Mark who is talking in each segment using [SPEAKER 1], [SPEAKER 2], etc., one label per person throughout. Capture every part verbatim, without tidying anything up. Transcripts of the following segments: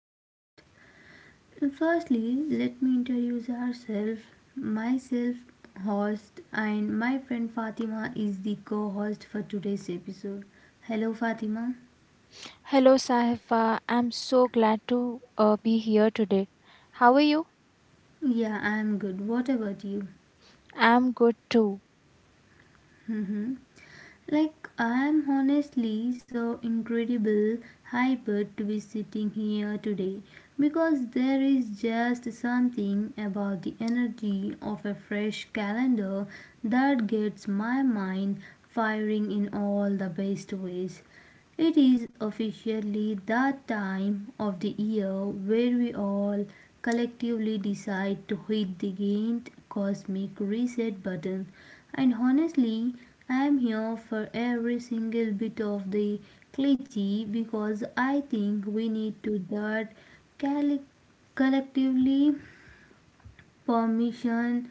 [SPEAKER 1] podcast. Firstly, let me introduce ourselves. Myself, host, and my friend Fatima is the co host for today's episode. Hello Fatima.
[SPEAKER 2] Hello, Sahifa. I'm so glad to uh, be here today. How are you?
[SPEAKER 1] Yeah, I'm good. What about you?
[SPEAKER 2] I'm good too.
[SPEAKER 1] Like, I'm honestly so incredible hyped to be sitting here today because there is just something about the energy of a fresh calendar that gets my mind firing in all the best ways. It is officially the time of the year where we all collectively decide to hit the giant cosmic reset button. And honestly, I am here for every single bit of the cliche because I think we need to that collectively permission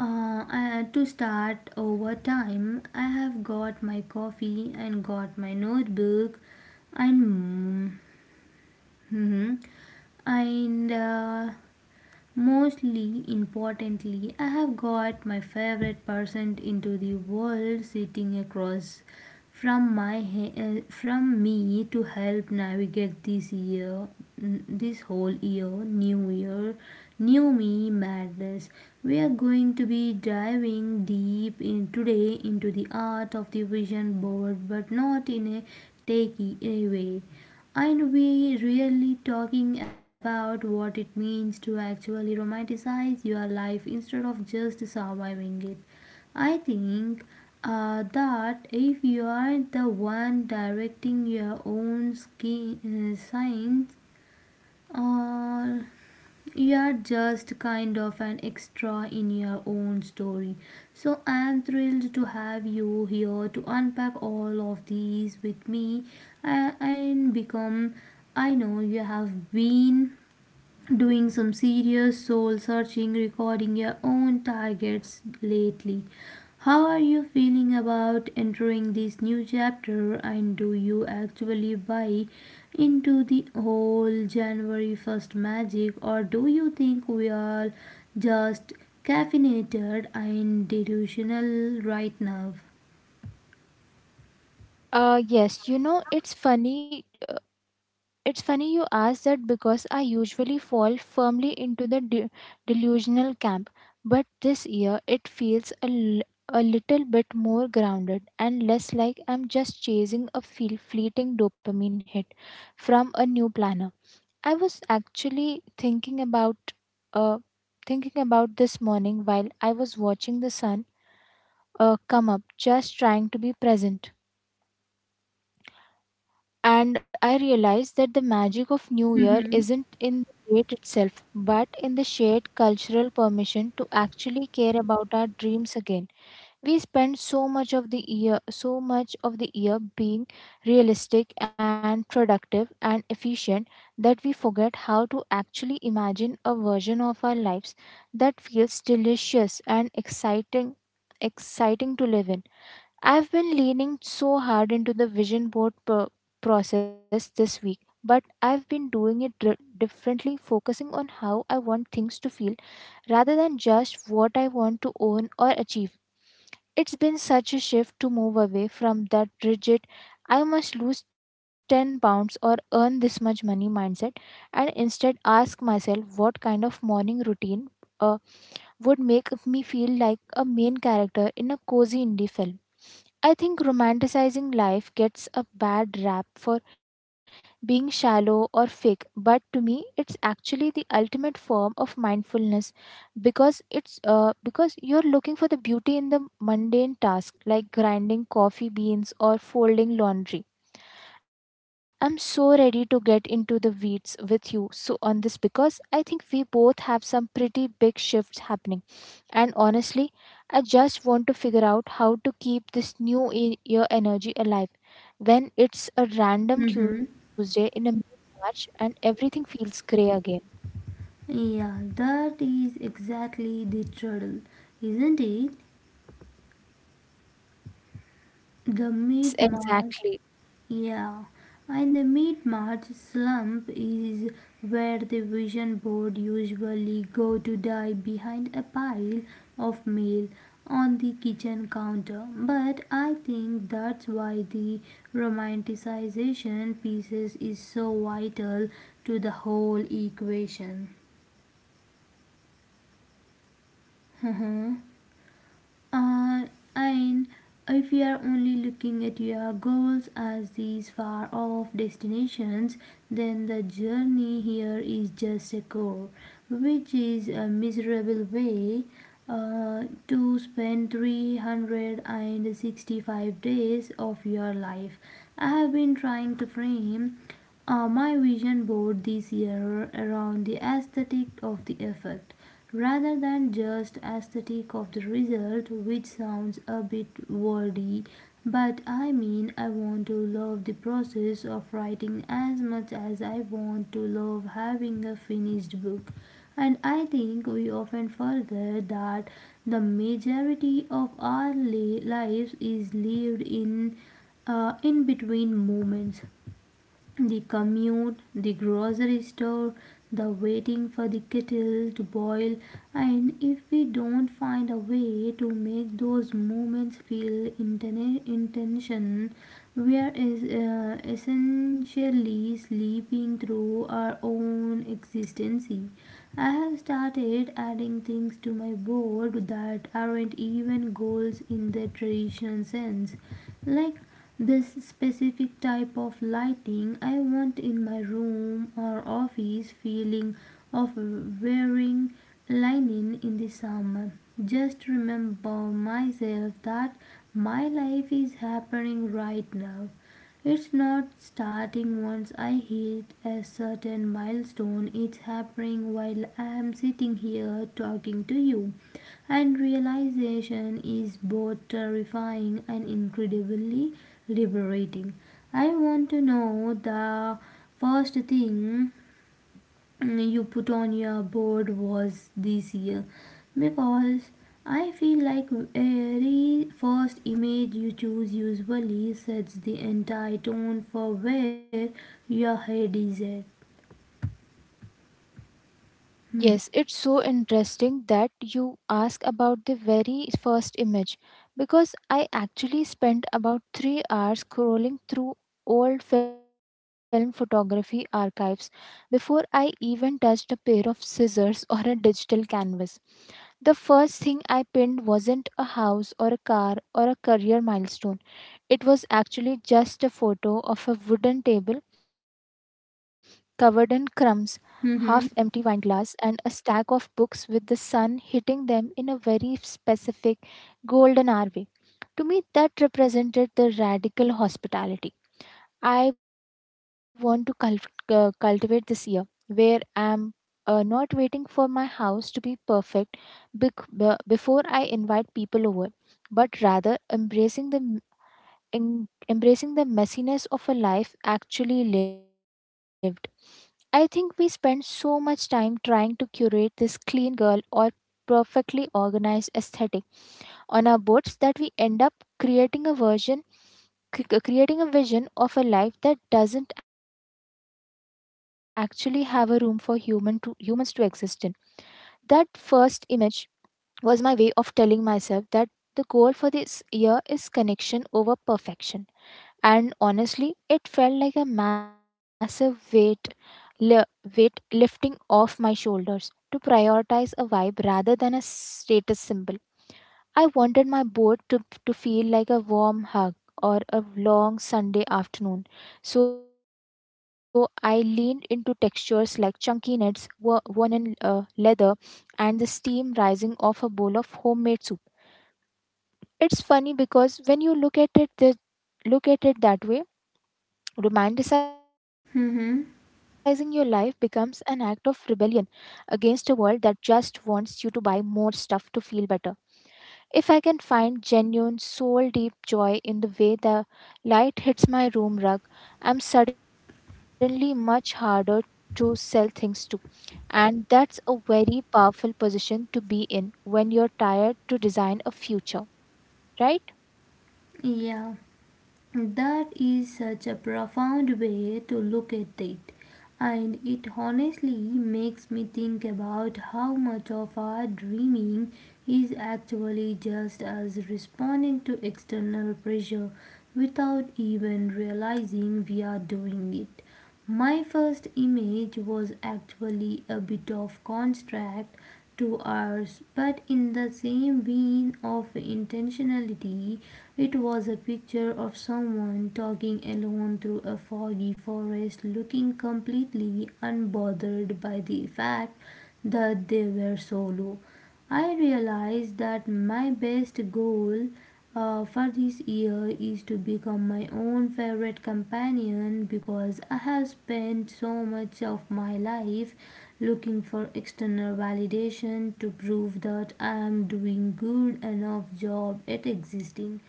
[SPEAKER 1] uh, I- to start over time. I have got my coffee and got my notebook and mm, mhm. and uh, mostly importantly, I have got my favorite person into the world sitting across from my uh, from me to help navigate this year this whole year new year new me madness. We are going to be diving deep in today into the art of the vision board, but not in a takey away, and we really talking about what it means to actually romanticize your life instead of just surviving it. I think uh, that if you are the one directing your own ski- uh, signs, or you are just kind of an extra in your own story. So I am thrilled to have you here to unpack all of these with me and become. I know you have been doing some serious soul searching recording your own targets lately. How are you feeling about entering this new chapter, and do you actually buy into the whole January first magic, or do you think we are just caffeinated and delusional right now?
[SPEAKER 2] Uh, yes, you know, it's funny It's funny you ask that, because I usually fall firmly into the de- delusional camp, but this year it feels a, l- a little bit more grounded and less like I'm just chasing a feel- fleeting dopamine hit from a new planner. I was actually thinking about uh, thinking about this morning while I was watching the sun uh, come up, just trying to be present. And I realized that the magic of New Year
[SPEAKER 1] Mm-hmm.
[SPEAKER 2] isn't in the date itself, but in the shared cultural permission to actually care about our dreams again. We spend so much of the year, so much of the year being realistic and productive and efficient, that we forget how to actually imagine a version of our lives that feels delicious and exciting exciting to live in. I've been leaning so hard into the vision board pro- process this week, but I've been doing it dr- differently, focusing on how I want things to feel rather than just what I want to own or achieve. It's been such a shift to move away from that rigid, I must lose ten pounds or earn this much money mindset, and instead ask myself what kind of morning routine uh, would make me feel like a main character in a cozy indie film. I think romanticizing life gets a bad rap for being shallow or fake, but to me, it's actually the ultimate form of mindfulness because it's uh, because you're looking for the beauty in the mundane task, like grinding coffee beans or folding laundry. I'm so ready to get into the weeds with you so on this, because I think we both have some pretty big shifts happening, and honestly, I just want to figure out how to keep this new e- year energy alive when it's a random
[SPEAKER 1] Mm-hmm.
[SPEAKER 2] Tuesday in a March and everything feels gray again.
[SPEAKER 1] Yeah, that is exactly the trouble, isn't it? The
[SPEAKER 2] Yes,
[SPEAKER 1] mid March.
[SPEAKER 2] exactly.
[SPEAKER 1] Yeah, and the mid March slump is where the vision board usually go to die behind a pile of meal on the kitchen counter. But I think that's why the romanticization pieces is so vital to the whole equation. Uh, and if we are only looking at your goals as these far off destinations, then the journey here is just a goal, which is a miserable way uh, to spend three hundred sixty-five days of your life. I have been trying to frame uh, my vision board this year around the aesthetic of the effort rather than just aesthetic of the result, which sounds a bit wordy, but I mean I want to love the process of writing as much as I want to love having a finished book. And I think we often forget that the majority of our li- lives is lived in uh, in between moments: the commute, the grocery store, the waiting for the kettle to boil, and if we don't find a way to make those moments feel intention, we are es- uh, essentially sleeping through our own existence. I have started adding things to my board that aren't even goals in the traditional sense, like this specific type of lighting I want in my room or office feeling of wearing linen in the summer. Just remember myself that my life is happening right now. It's not starting once I hit a certain milestone, it's happening while I'm sitting here talking to you. And realization is both terrifying and incredibly liberating. I want to know the first thing you put on your board was this year, because I feel like every first image you choose usually sets the entire tone for where your head is at.
[SPEAKER 2] Yes, it's so interesting that you ask about the very first image, because I actually spent about three hours scrolling through old film photography archives before I even touched a pair of scissors or a digital canvas. The first thing I pinned wasn't a house or a car or a career milestone. It was actually just a photo of a wooden table covered in crumbs, half empty wine
[SPEAKER 1] Mm-hmm.
[SPEAKER 2] glass, and a stack of books with the sun hitting them in a very specific golden hour way. To me, that represented the radical hospitality I want to culv- cu- cultivate this year, where I'm uh, not waiting for my house to be perfect bec- b- before I invite people over, but rather embracing the m- en- embracing the messiness of a life actually lived. I think we spend so much time trying to curate this clean girl or perfectly organized aesthetic on our boards, that we end up creating a version cre- uh, creating a vision of a life that doesn't actually have a room for human to humans to exist in. That first image was my way of telling myself that the goal for this year is connection over perfection, and honestly it felt like a massive weight li- weight lifting off my shoulders, to prioritize a vibe rather than a status symbol. I wanted my boat to, to feel like a warm hug or a long Sunday afternoon. So I leaned into textures like chunky nets, wo- worn in uh, leather, and the steam rising off a bowl of homemade soup. It's funny, because when you look at it, the, look at it that way, romanticizing your life becomes
[SPEAKER 1] Mm-hmm.
[SPEAKER 2] an act of rebellion against a world that just wants you to buy more stuff to feel better. If I can find genuine, soul deep joy in the way the light hits my room rug, I'm suddenly much harder to sell things to. And that's a very powerful position to be in when you're tired to design a future, right?
[SPEAKER 1] Yeah. That is such a profound way to look at it, and it honestly makes me think about how much of our dreaming is actually just us responding to external pressure without even realizing we are doing it. My first image was actually a bit of contrast to ours, but in the same vein of intentionality, it was a picture of someone talking alone through a foggy forest, looking completely unbothered by the fact that they were solo. I realized that my best goal uh, for this year is to become my own favorite companion, because I have spent so much of my life looking for external validation to prove that I am doing good enough job at existing.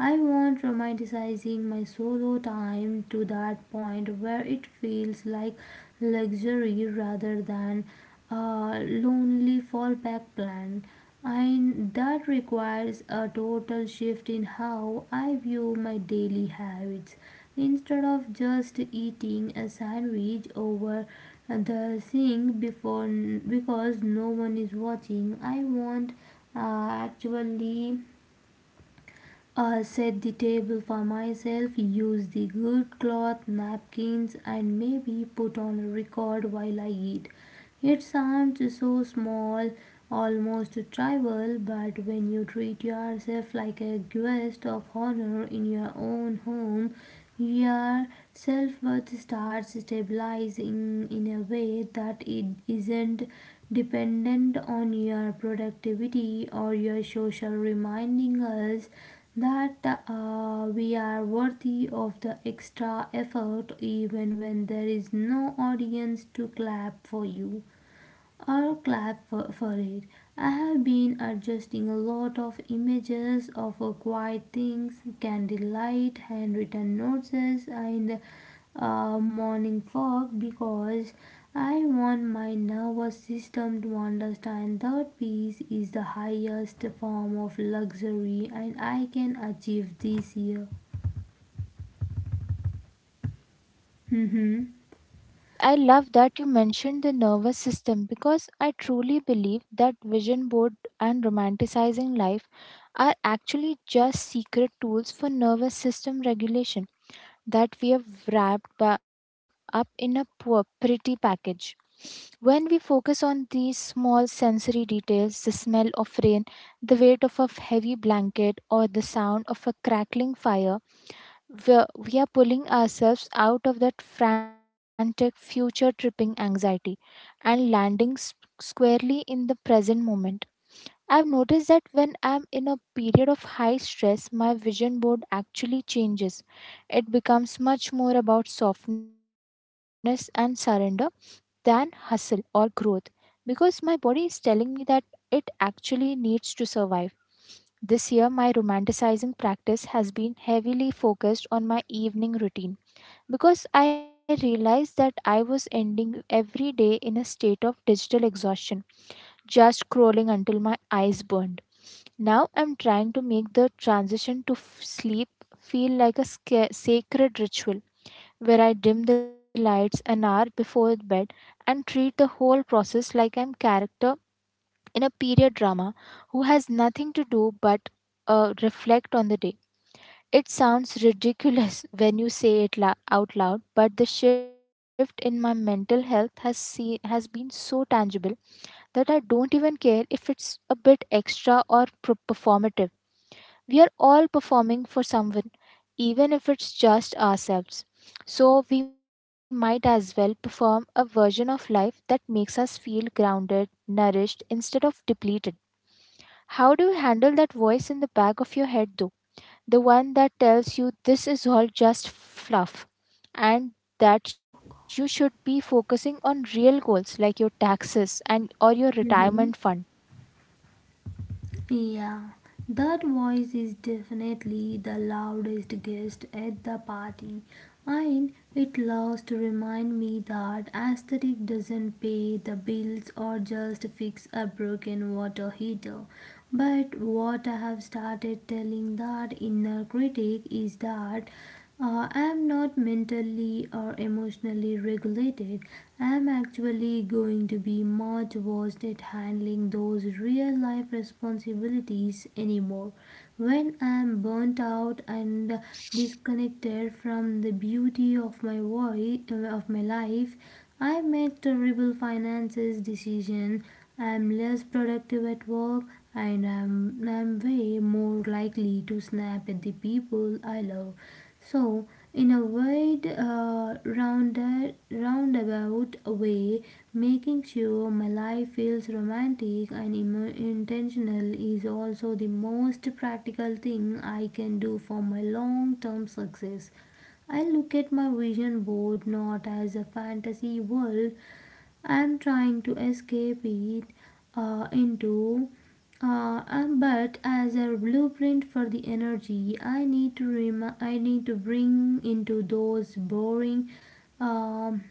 [SPEAKER 1] I want romanticizing my solo time to that point where it feels like luxury rather than a lonely fallback plan. And that requires a total shift in how I view my daily habits. Instead of just eating a sandwich over the sink before because no one is watching, I want uh, actually I set the table for myself, use the good cloth, napkins, and maybe put on a record while I eat. It sounds so small, almost trivial, but when you treat yourself like a guest of honor in your own home, you are self worth starts stabilizing in a way that it isn't dependent on your productivity or your social, reminding us that uh, we are worthy of the extra effort even when there is no audience to clap for you or clap for, for it. I have been adjusting a lot of images of uh, quiet things, candlelight, handwritten notes, and uh, morning fog, because I want my nervous system to understand that peace is the highest form of luxury and I can achieve this year. hmm
[SPEAKER 2] Yes, I love that you mentioned the nervous system, because I truly believe that vision board and romanticizing life are actually just secret tools for nervous system regulation that we have wrapped ba- up in a poor, pretty package. When we focus on these small sensory details, the smell of rain, the weight of a heavy blanket, or the sound of a crackling fire, we are we are pulling ourselves out of that frantic future tripping anxiety and landing s- squarely in the present moment. I've noticed that when I'm in a period of high stress, my vision board actually changes. It becomes much more about softness and surrender than hustle or growth, because my body is telling me that it actually needs to survive. This year, my romanticizing practice has been heavily focused on my evening routine, because I realized that I was ending every day in a state of digital exhaustion, just scrolling until my eyes burned. Now I'm trying to make the transition to f- sleep feel like a sca- sacred ritual, where I dim the lights an hour before bed and treat the whole process like I'm character in a period drama who has nothing to do but uh, reflect on the day. It sounds ridiculous when you say it la- out loud, but the shift in my mental health has see- has been so tangible that I don't even care if it's a bit extra or pro- performative. We are all performing for someone, even if it's just ourselves. So, we might as well perform a version of life that makes us feel grounded, nourished, instead of depleted. How do you handle that voice in the back of your head, though? The one that tells you this is all just fluff and that you should be focusing on real goals like your taxes and or your retirement fund?
[SPEAKER 1] hmm Yeah, that voice is definitely the loudest guest at the party, and it loves to remind me that aesthetic doesn't pay the bills or just fix a broken water heater. But what I have started telling that inner critic is that uh, I'm not mentally or emotionally regulated. I'm actually going to be much worse at handling those real life responsibilities anymore. When I'm burnt out and disconnected from the beauty of my voice, of my life, I make terrible finances decisions. I'm less productive at work, and I'm, I'm way more likely to snap at the people I love. So, in a wide, uh, rounded, roundabout way, making sure my life feels romantic and emo intentional is also the most practical thing I can do for my long term success. I look at my vision board not as a fantasy world I'm trying to escape it uh, into. Uh, um, but as a blueprint for the energy, I need to rem- I need to bring into those boring um,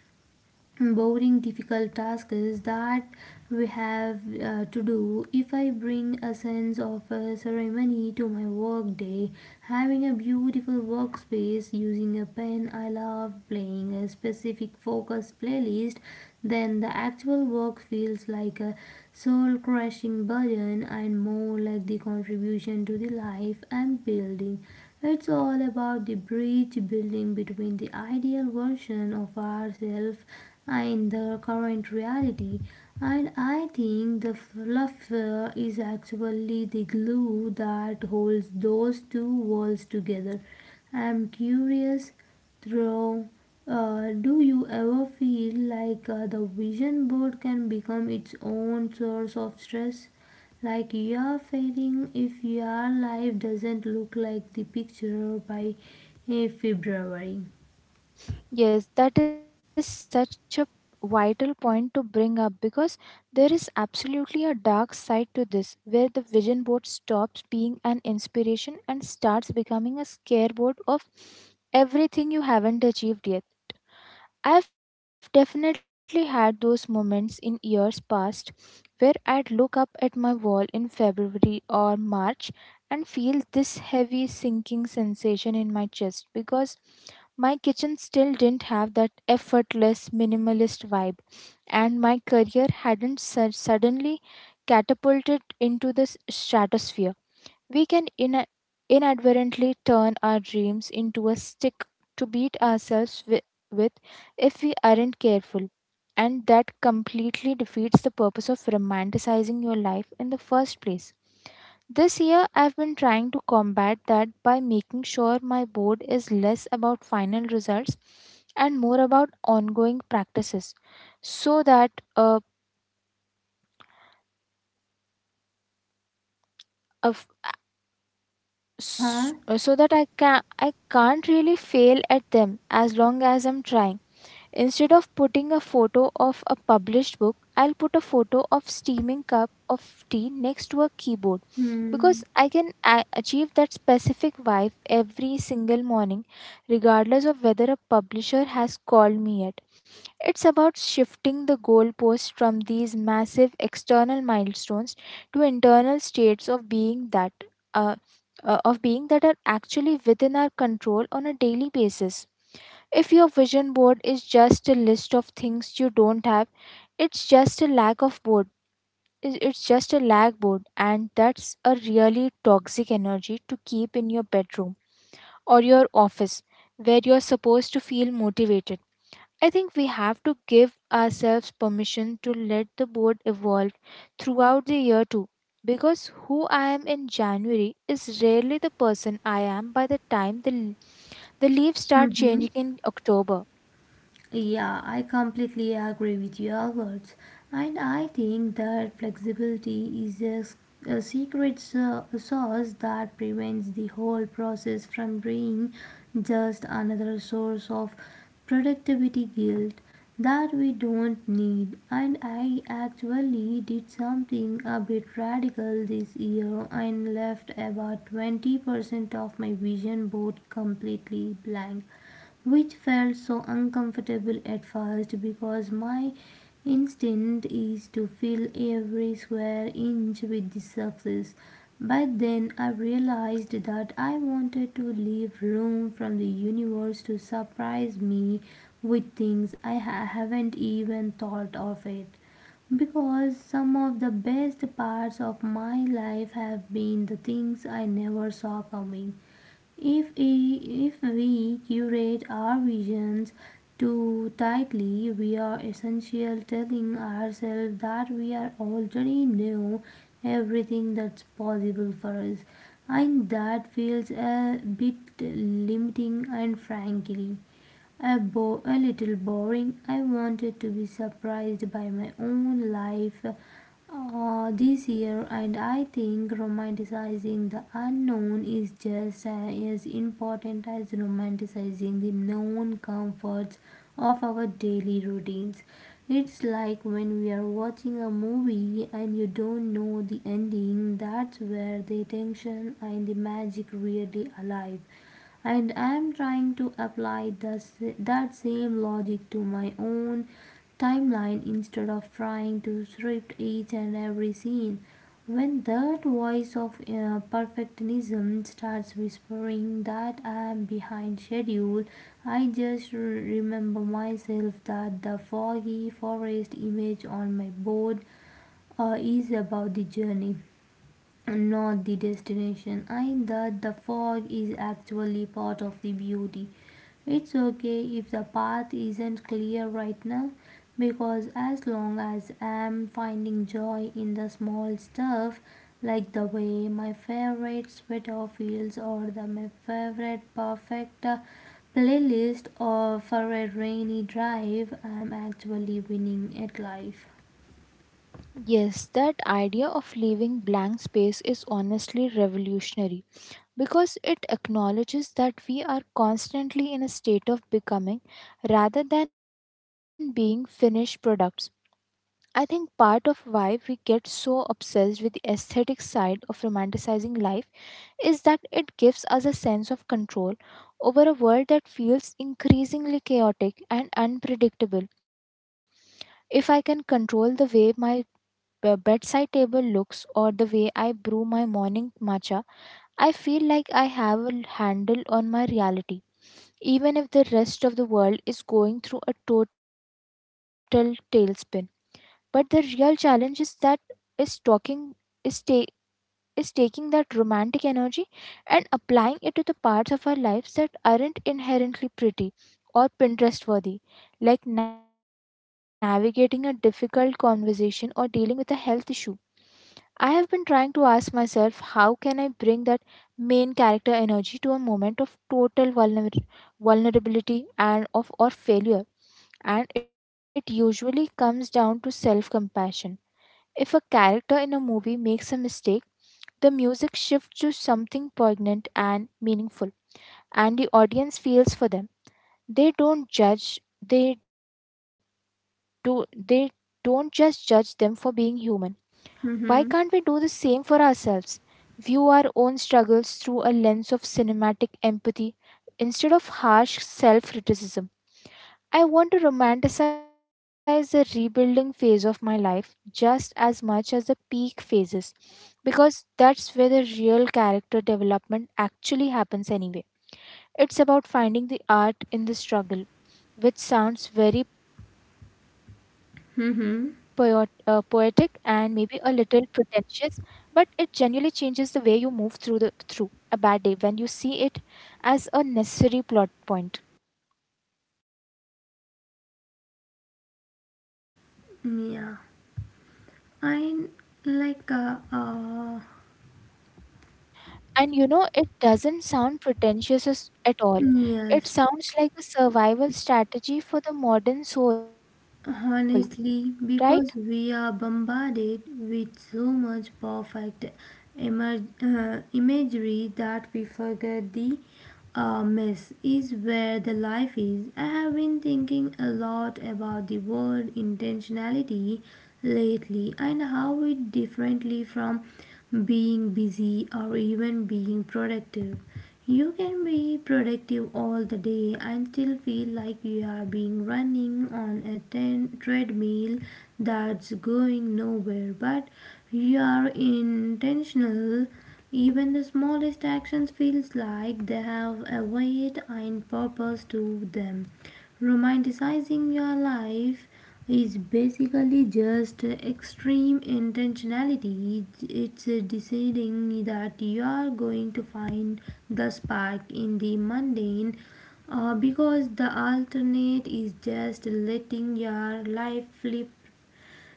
[SPEAKER 1] boring difficult tasks that we have uh, to do. If I bring a sense of uh, ceremony to my work day, having a beautiful workspace, using a pen I love, playing a specific focus playlist, then the actual work feels like a soul crushing burden and more like the contribution to the life I'm building. It's all about the bridge building between the ideal version of ourselves in the current reality. And I think the laughter is actually the glue that holds those two worlds together. I'm curious, though, uh, do you ever feel like uh, the vision board can become its own source of stress? Like you are failing if your life doesn't look like the picture by uh, February.
[SPEAKER 2] Yes, that is such a vital point to bring up, because there is absolutely a dark side to this, where the vision board stops being an inspiration and starts becoming a scareboard of everything you haven't achieved yet. I've definitely had those moments in years past where I'd look up at my wall in February or March and feel this heavy sinking sensation in my chest, because my kitchen still didn't have that effortless minimalist vibe and my career hadn't su- suddenly catapulted into the s- stratosphere. We can ina inadvertently turn our dreams into a stick to beat ourselves wi- with, if we aren't careful. And that completely defeats the purpose of romanticizing your life in the first place. This year, I've been trying to combat that by making sure my board is less about final results and more about ongoing practices, so that uh, a
[SPEAKER 1] Haha.
[SPEAKER 2] s- uh, so that I can I can't really fail at them as long as I'm trying. Instead of putting a photo of a published book, I'll put a photo of steaming cup of tea next to a keyboard, because
[SPEAKER 1] hmm
[SPEAKER 2] I can a- achieve that specific vibe every single morning regardless of whether a publisher has called me yet. It's about shifting the goalposts from these massive external milestones to internal states of being that uh, uh, of being that are actually within our control on a daily basis. If your vision board is just a list of things you don't have, it's just a lack of board. It's it's just a lag board, and that's a really toxic energy to keep in your bedroom or your office where you're supposed to feel motivated. I think we have to give ourselves permission to let the board evolve throughout the year too. Because who I am in January is rarely the person I am by the time the, the leaves start
[SPEAKER 1] Mhm.
[SPEAKER 2] changing in October.
[SPEAKER 1] Yeah, I completely agree with your words, and I think that flexibility is a, s- a secret so- sauce that prevents the whole process from being just another source of productivity guilt that we don't need. And I actually did something a bit radical this year and left about twenty percent of my vision board completely blank, which felt so uncomfortable at first because my instinct is to fill every square inch with the success. But then I realized that I wanted to leave room from the universe to surprise me with things I ha- haven't even thought of it, because some of the best parts of my life have been the things I never saw coming. If, i- if we curate our visions too tightly, we are essentially telling ourselves that we are already know everything that's possible for us, and that feels a bit limiting and frankly a, bo- a little boring. I wanted to be surprised by my own life uh, this year, and I think romanticizing the unknown is just uh, as important as romanticizing the known comforts of our daily routines. It's like when we are watching a movie and you don't know the ending, that's where the tension and the magic really alive. And I am trying to apply the, that same logic to my own timeline instead of trying to script each and every scene. When that voice of uh, perfectionism starts whispering that I am behind schedule, I just remember myself that the foggy forest image on my board uh, is about the journey, not the destination. I that the fog is actually part of the beauty. It's okay if the path isn't clear right now because as long as I'm finding joy in the small stuff like the way my favorite sweater feels or the my favorite perfect uh, playlist or for a rainy drive, I'm actually winning at life.
[SPEAKER 2] Yes, that idea of leaving blank space is honestly revolutionary, because it acknowledges that we are constantly in a state of becoming rather than being finished products. I think part of why we get so obsessed with the aesthetic side of romanticizing life is that it gives us a sense of control over a world that feels increasingly chaotic and unpredictable. If I can control the way my b- bedside table looks, or the way I brew my morning matcha, I feel like I have a handle on my reality, even if the rest of the world is going through a total tailspin. But the real challenge is that is talking is ta- is taking that romantic energy and applying it to the parts of our lives that aren't inherently pretty or pinterest worthy, like navigating a difficult conversation or dealing with a health issue. I have been trying to ask myself, how can I bring that main character energy to a moment of total vulner- vulnerability and of or failure, and it usually comes down to self-compassion. If a character in a movie makes a mistake, the music shifts to something poignant and meaningful, and the audience feels for them. They don't judge, they do they don't just judge them for being human. Why can't we
[SPEAKER 1] Mm-hmm.
[SPEAKER 2] do the same for ourselves? View our own struggles through a lens of cinematic empathy instead of harsh self criticism. I want to romanticize the rebuilding phase of my life just as much as the peak phases, because that's where the real character development actually happens, anyway. It's about finding the art in the struggle, which sounds very poet- uh, poetic and maybe a
[SPEAKER 1] Mm-hmm.
[SPEAKER 2] little pretentious, but it genuinely changes the way you move through the through a bad day when you see it as a necessary plot point.
[SPEAKER 1] Yeah. I like uh, uh
[SPEAKER 2] And you know, it doesn't sound pretentious as- at all. It
[SPEAKER 1] Yes,
[SPEAKER 2] sounds like a survival strategy for the modern soul, right?
[SPEAKER 1] honestly because we are bombarded with so much perfect emer- uh, imagery that we forget the uh, mess is where the life is. I have been thinking a lot about the word intentionality lately and how it differently from being busy or even being productive. You can be productive all the day and still feel like you are being running on a ten- treadmill that's going nowhere, but you are intentional. Even the smallest actions feels like they have a weight and purpose to them. Romanticizing your life is basically just extreme intentionality. It's deciding that you are going to find the spark in the mundane uh, because the alternate is just letting your life flip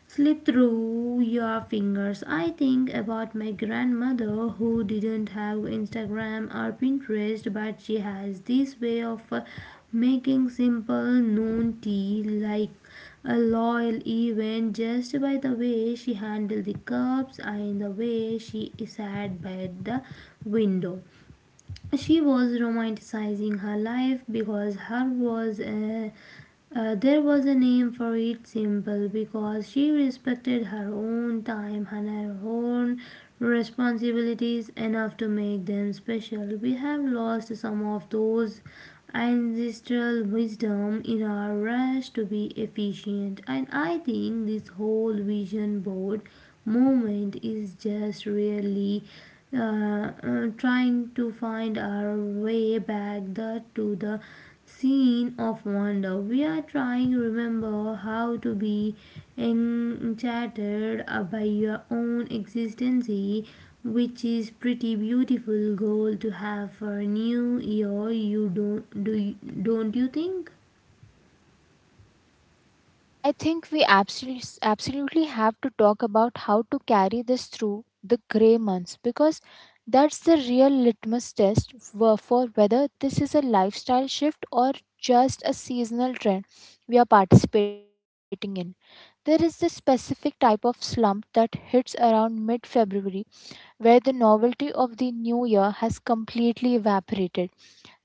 [SPEAKER 1] slip through your fingers. I think about my grandmother who didn't have Instagram or Pinterest, but she has this way of uh, making simple noon tea like a loyal event just by the way she handled the cups and the way she sat by the window. She was romanticizing her life because her was a, uh, there was a name for it simple because she respected her own time and her own responsibilities enough to make them special. We have lost some of those ancestral wisdom in our rush to be efficient, and I think this whole vision board movement is just really uh, uh, trying to find our way back the, to the scene of wonder. We are trying to remember how to be enchanted uh, by your own existence, which is pretty beautiful goal to have for a new year. You don't do Don't you think?
[SPEAKER 2] Yes, I think we absolutely absolutely have to talk about how to carry this through the gray months, because that's the real litmus test for for whether this is a lifestyle shift or just a seasonal trend we are participating in. There is this specific type of slump that hits around mid February, where the novelty of the new year has completely evaporated,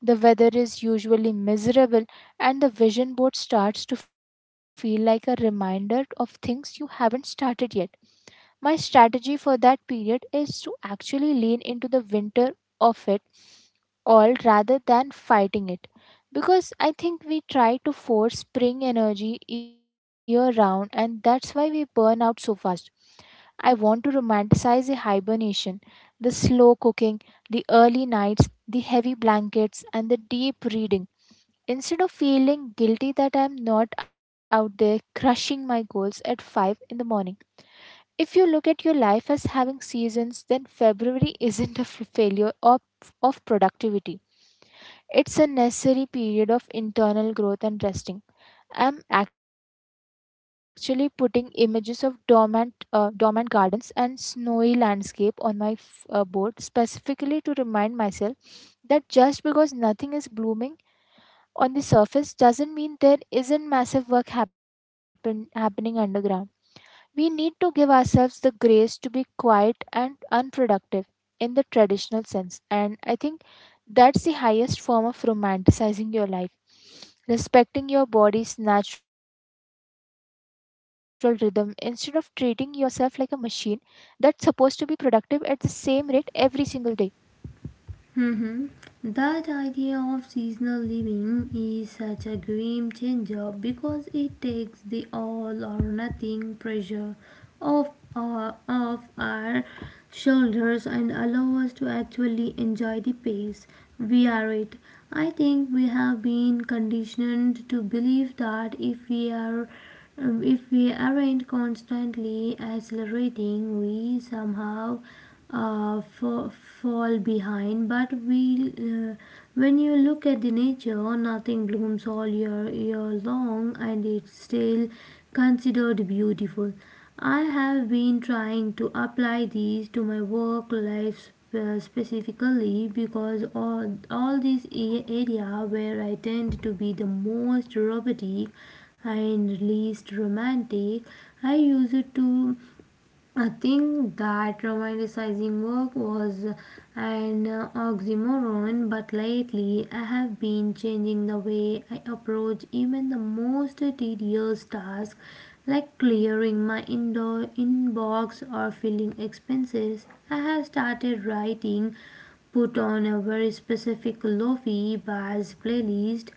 [SPEAKER 2] the weather is usually miserable, and the vision board starts to feel like a reminder of things you haven't started yet. My strategy for that period is to actually lean into the winter of it all rather than fighting it. Because I think we try to force spring energy year round, and that's why we burn out so fast. I want to romanticize the hibernation, the slow cooking, the early nights, the heavy blankets, and the deep reading, instead of feeling guilty that I'm not out there crushing my goals at five in the morning. If you look at your life as having seasons, then February isn't a f- failure of, of productivity. It's a necessary period of internal growth and resting. I'm actually putting images of dormant, uh, dormant gardens and snowy landscape on my f- uh, board specifically to remind myself that just because nothing is blooming on the surface doesn't mean there isn't massive work happen- happening underground. We need to give ourselves the grace to be quiet and unproductive in the traditional sense, and I think that's the highest form of romanticizing your life: respecting your body's natural rhythm instead of treating yourself like a machine that's supposed to be productive at the same rate every single day.
[SPEAKER 1] Mhm. That idea of seasonal living is such a game changer because it takes the all or nothing pressure off, uh, off our shoulders and allows us to actually enjoy the pace we are at. I think we have been conditioned to believe that if we are um, if we aren't constantly accelerating, we somehow uh, fa- fall behind. But we, uh, when you look at the nature, nothing blooms all year year long, and it's still considered beautiful. I have been trying to apply these to my work life sp- specifically because all all these a- area where I tend to be the most robotic and least romantic. I used to uh, think that romanticizing work was an uh, oxymoron, but lately I have been changing the way I approach even the most tedious tasks like clearing my indoor inbox or filling expenses. I have started writing, put on a very specific lofi bass playlist.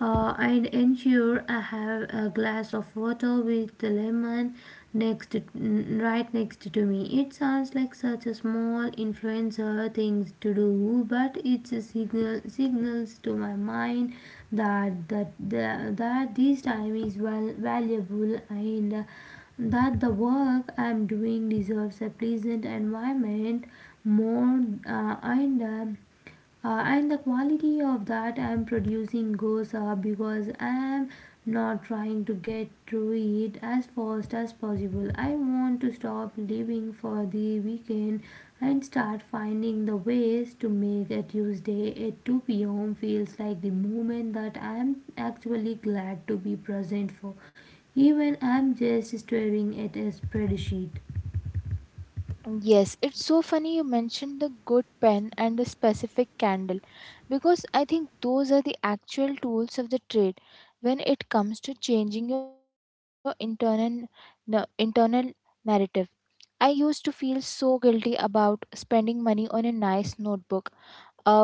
[SPEAKER 1] Uh, i ensure I have a glass of water with the lemon next to, right next to me. It sounds like such a small influencer things to do, but it's a signal signals to my mind that that that, that this time is well valuable, and uh, that the work I'm doing deserves a pleasant environment more uh, and uh, uh, and the quality of that I'm producing goes up because I'm not trying to get through it as fast as possible. I want to stop living for the weekend and start finding the ways to make a Tuesday at two p.m feels like the moment that I'm actually glad to be present for, even I'm just staring at a spreadsheet.
[SPEAKER 2] Yes, it's so funny you mentioned the good pen and the specific candle, because I think those are the actual tools of the trade when it comes to changing your internal na- internal narrative. I used to feel so guilty about spending money on a nice notebook A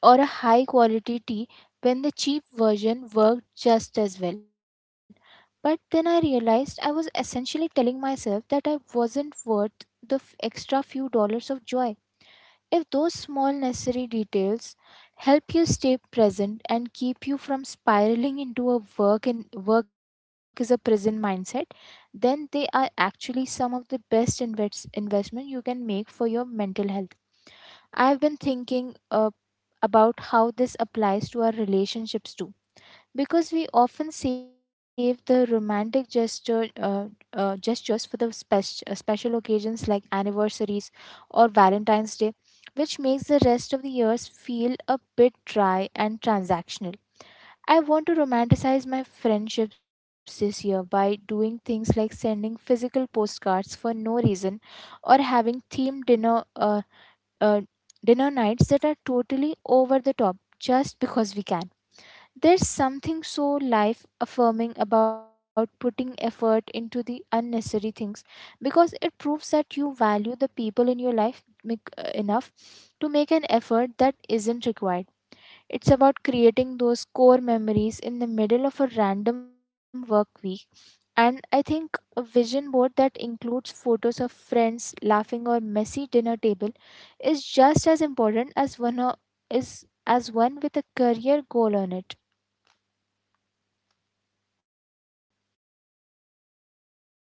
[SPEAKER 2] or a high quality tea when the cheap version worked just as well. But then I realized I was essentially telling myself that I wasn't worth the f- extra few dollars of joy. If those small necessary details help you stay present and keep you from spiraling into a work and work is a prison mindset, then they are actually some of the best invest- investment you can make for your mental health. I have been thinking uh, about how this applies to our relationships too, because we often save the romantic gesture uh, uh, gestures for the spec- uh, special occasions like anniversaries or Valentine's Day, which makes the rest of the years feel a bit dry and transactional. I want to romanticize my friendships this year by doing things like sending physical postcards for no reason, or having themed dinner uh, uh, dinner nights that are totally over the top just because we can. There's something so life affirming about putting effort into the unnecessary things, because it proves that you value the people in your life mic- uh, enough to make an effort that isn't required. It's about creating those core memories in the middle of a random work week. And I think a vision board that includes photos of friends laughing or messy dinner table is just as important as one o- is as one with a career goal on it.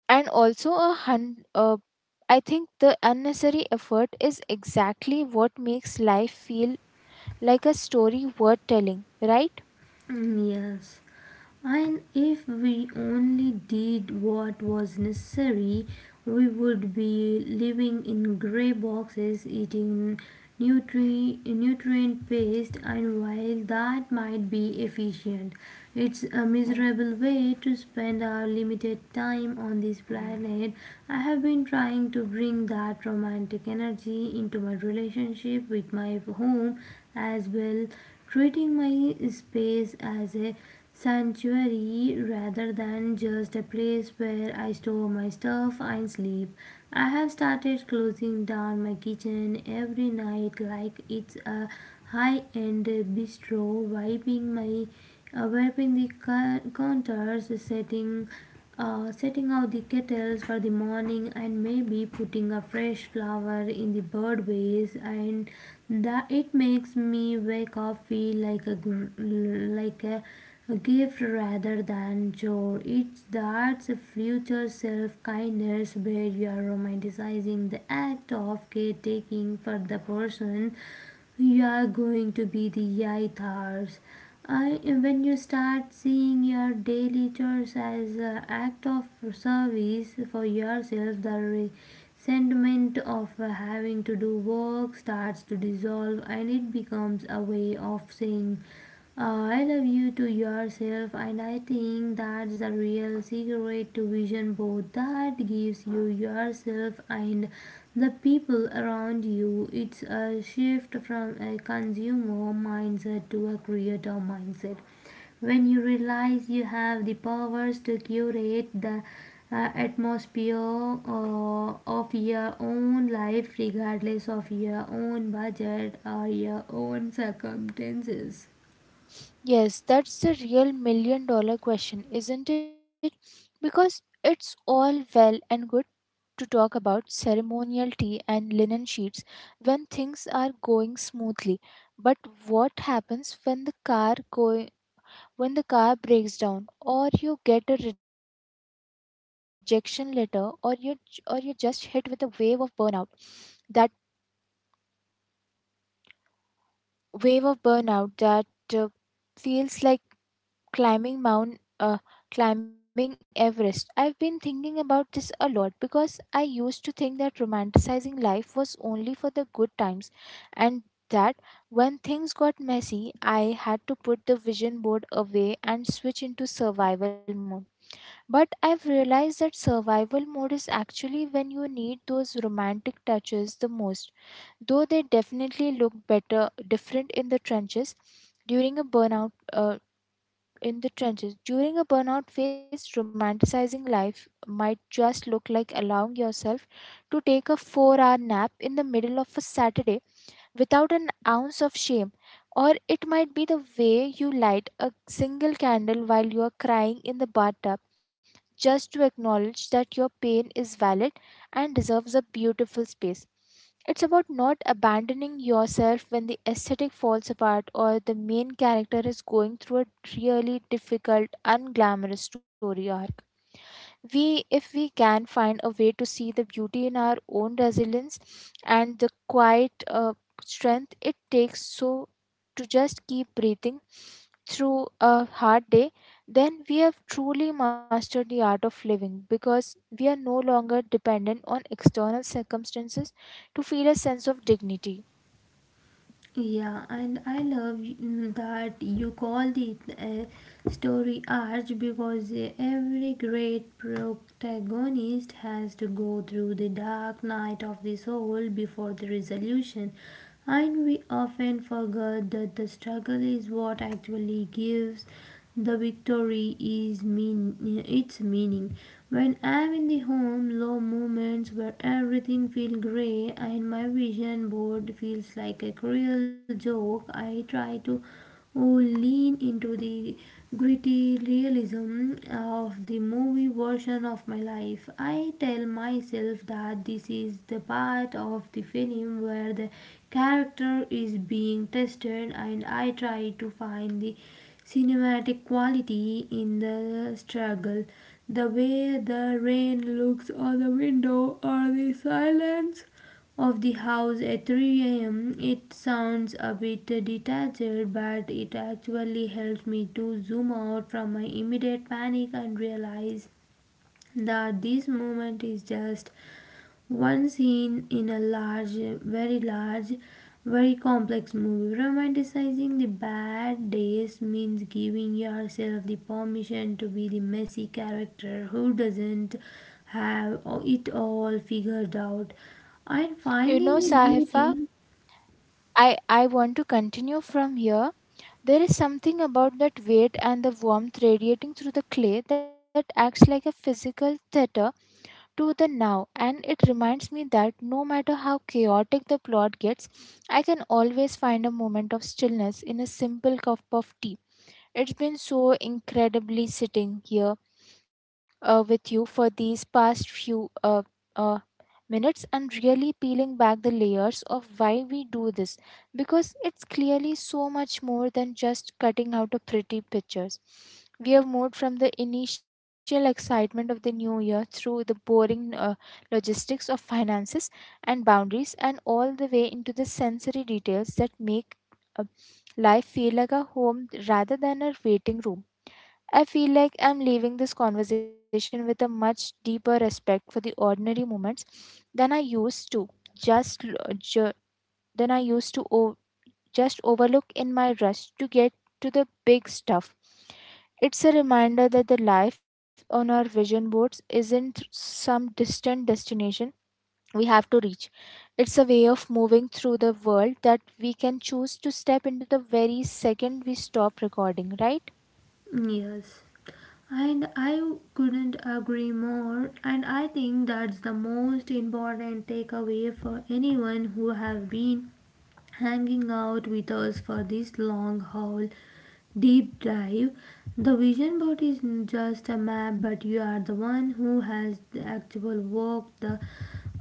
[SPEAKER 2] And also a hun- uh, I think the unnecessary effort is exactly what makes life feel like a story worth telling, right?
[SPEAKER 1] Mm, yes, and if we only did what was necessary, we would be living in grey boxes eating nutri- nutrient paste, and while that might be efficient, it's a miserable way to spend our limited time on this planet. I have been trying to bring that romantic energy into my relationship with my home as well, treating my space as a sanctuary rather than just a place where I store my stuff and sleep. I have started closing down my kitchen every night like it's a high end bistro, wiping my uh, wiping the cou- counters, setting uh, setting out the kettles for the morning and maybe putting a fresh flower in the bird vase, and that it makes me wake up feel like a like a, a gift rather than chore. It's that's a future self kindness where you are romanticizing the act of caretaking for the person you are going to be the yaithars. I, when you start seeing your daily chores as an act of service for yourself, the resentment of having to do work starts to dissolve, and it becomes a way of saying, uh, I love you to yourself, and I think that's the real secret to vision board that gives you yourself and the people around you. It's a shift from a consumer mindset to a creator mindset. When you realize you have the powers to curate the uh, atmosphere uh, of your own life, regardless of your own budget or your own circumstances.
[SPEAKER 2] Yes, that's the real million dollar question, isn't it? Because it's all well and good to talk about ceremonial tea and linen sheets when things are going smoothly, but what happens when the car go when the car breaks down, or you get a rejection letter, or you or you just hit with a wave of burnout? That wave of burnout that uh, feels like climbing Mount uh, climbing Everest. I've been thinking about this a lot because I used to think that romanticizing life was only for the good times, and that when things got messy, I had to put the vision board away and switch into survival mode. But I've realized that survival mode is actually when you need those romantic touches the most, though they definitely look better different in the trenches during a burnout, uh, in the trenches. During a burnout phase, romanticizing life might just look like allowing yourself to take a four hour nap in the middle of a Saturday without an ounce of shame. Or it might be the way you light a single candle while you are crying in the bathtub, just to acknowledge that your pain is valid and deserves a beautiful space. It's about not abandoning yourself when the aesthetic falls apart or the main character is going through a really difficult, unglamorous story arc. We if we can find a way to see the beauty in our own resilience and the quiet uh, strength it takes so to just keep breathing through a hard day, then we have truly mastered the art of living, because we are no longer dependent on external circumstances to feel a sense of dignity.
[SPEAKER 1] Yeah, and I love mm, that you called it a story arch because every great protagonist has to go through the dark night of the soul before the resolution. And we often forget that the struggle is what actually gives the victory is mean its meaning. When I am in the home, low moments where everything feels grey and my vision board feels like a cruel joke, I try to, oh, lean into the gritty realism of the movie version of my life. I tell myself that this is the part of the film where the character is being tested, and I try to find the cinematic quality in the struggle. The way the rain looks on the window or the silence of the house at three a m, it sounds a bit detached, but it actually helps me to zoom out from my immediate panic and realize that this moment is just one scene in a large, very large, very complex movie. Romanticizing the bad days means giving yourself the permission to be the messy character who doesn't have it all figured out and
[SPEAKER 2] You know,
[SPEAKER 1] finding the
[SPEAKER 2] Sahifa,
[SPEAKER 1] beauty.
[SPEAKER 2] i i want to continue from here. There is something about that weight and the warmth radiating through the clay that acts like a physical theater to the now, and it reminds me that no matter how chaotic the plot gets, I can always find a moment of stillness in a simple cup of tea. It's been so incredibly sitting here uh, with you for these past few uh, uh, minutes and really peeling back the layers of why we do this, because it's clearly so much more than just cutting out a pretty pictures. We have moved from the initial excitement of the new year through the boring uh, logistics of finances and boundaries, and all the way into the sensory details that make uh, life feel like a home rather than a waiting room. I feel like I'm leaving this conversation with a much deeper respect for the ordinary moments than I used to just l- ju- than I used to o- just overlook in my rush to get to the big stuff. It's a reminder that the life on our vision boards isn't some distant destination we have to reach. It's a way of moving through the world that we can choose to step into the very second we stop recording, right?
[SPEAKER 1] Yes. And I couldn't agree more, and I think that's the most important takeaway for anyone who have been hanging out with us for this long haul deep dive. The vision board is just a map, but you are the one who has the actual walk the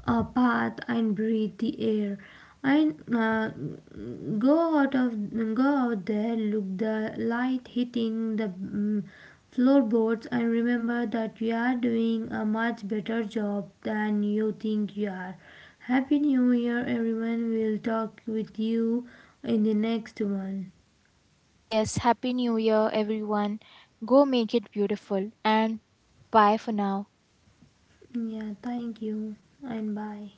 [SPEAKER 1] uh, path and breathe the air. And uh, go out of go out there, look the light hitting the mm, floorboards and remember that you are doing a much better job than you think you are. Happy New Year, everyone. We'll talk with you in the next one.
[SPEAKER 2] Yes, Happy New Year, everyone. Go make it beautiful and bye for now.
[SPEAKER 1] Yeah, thank you and bye.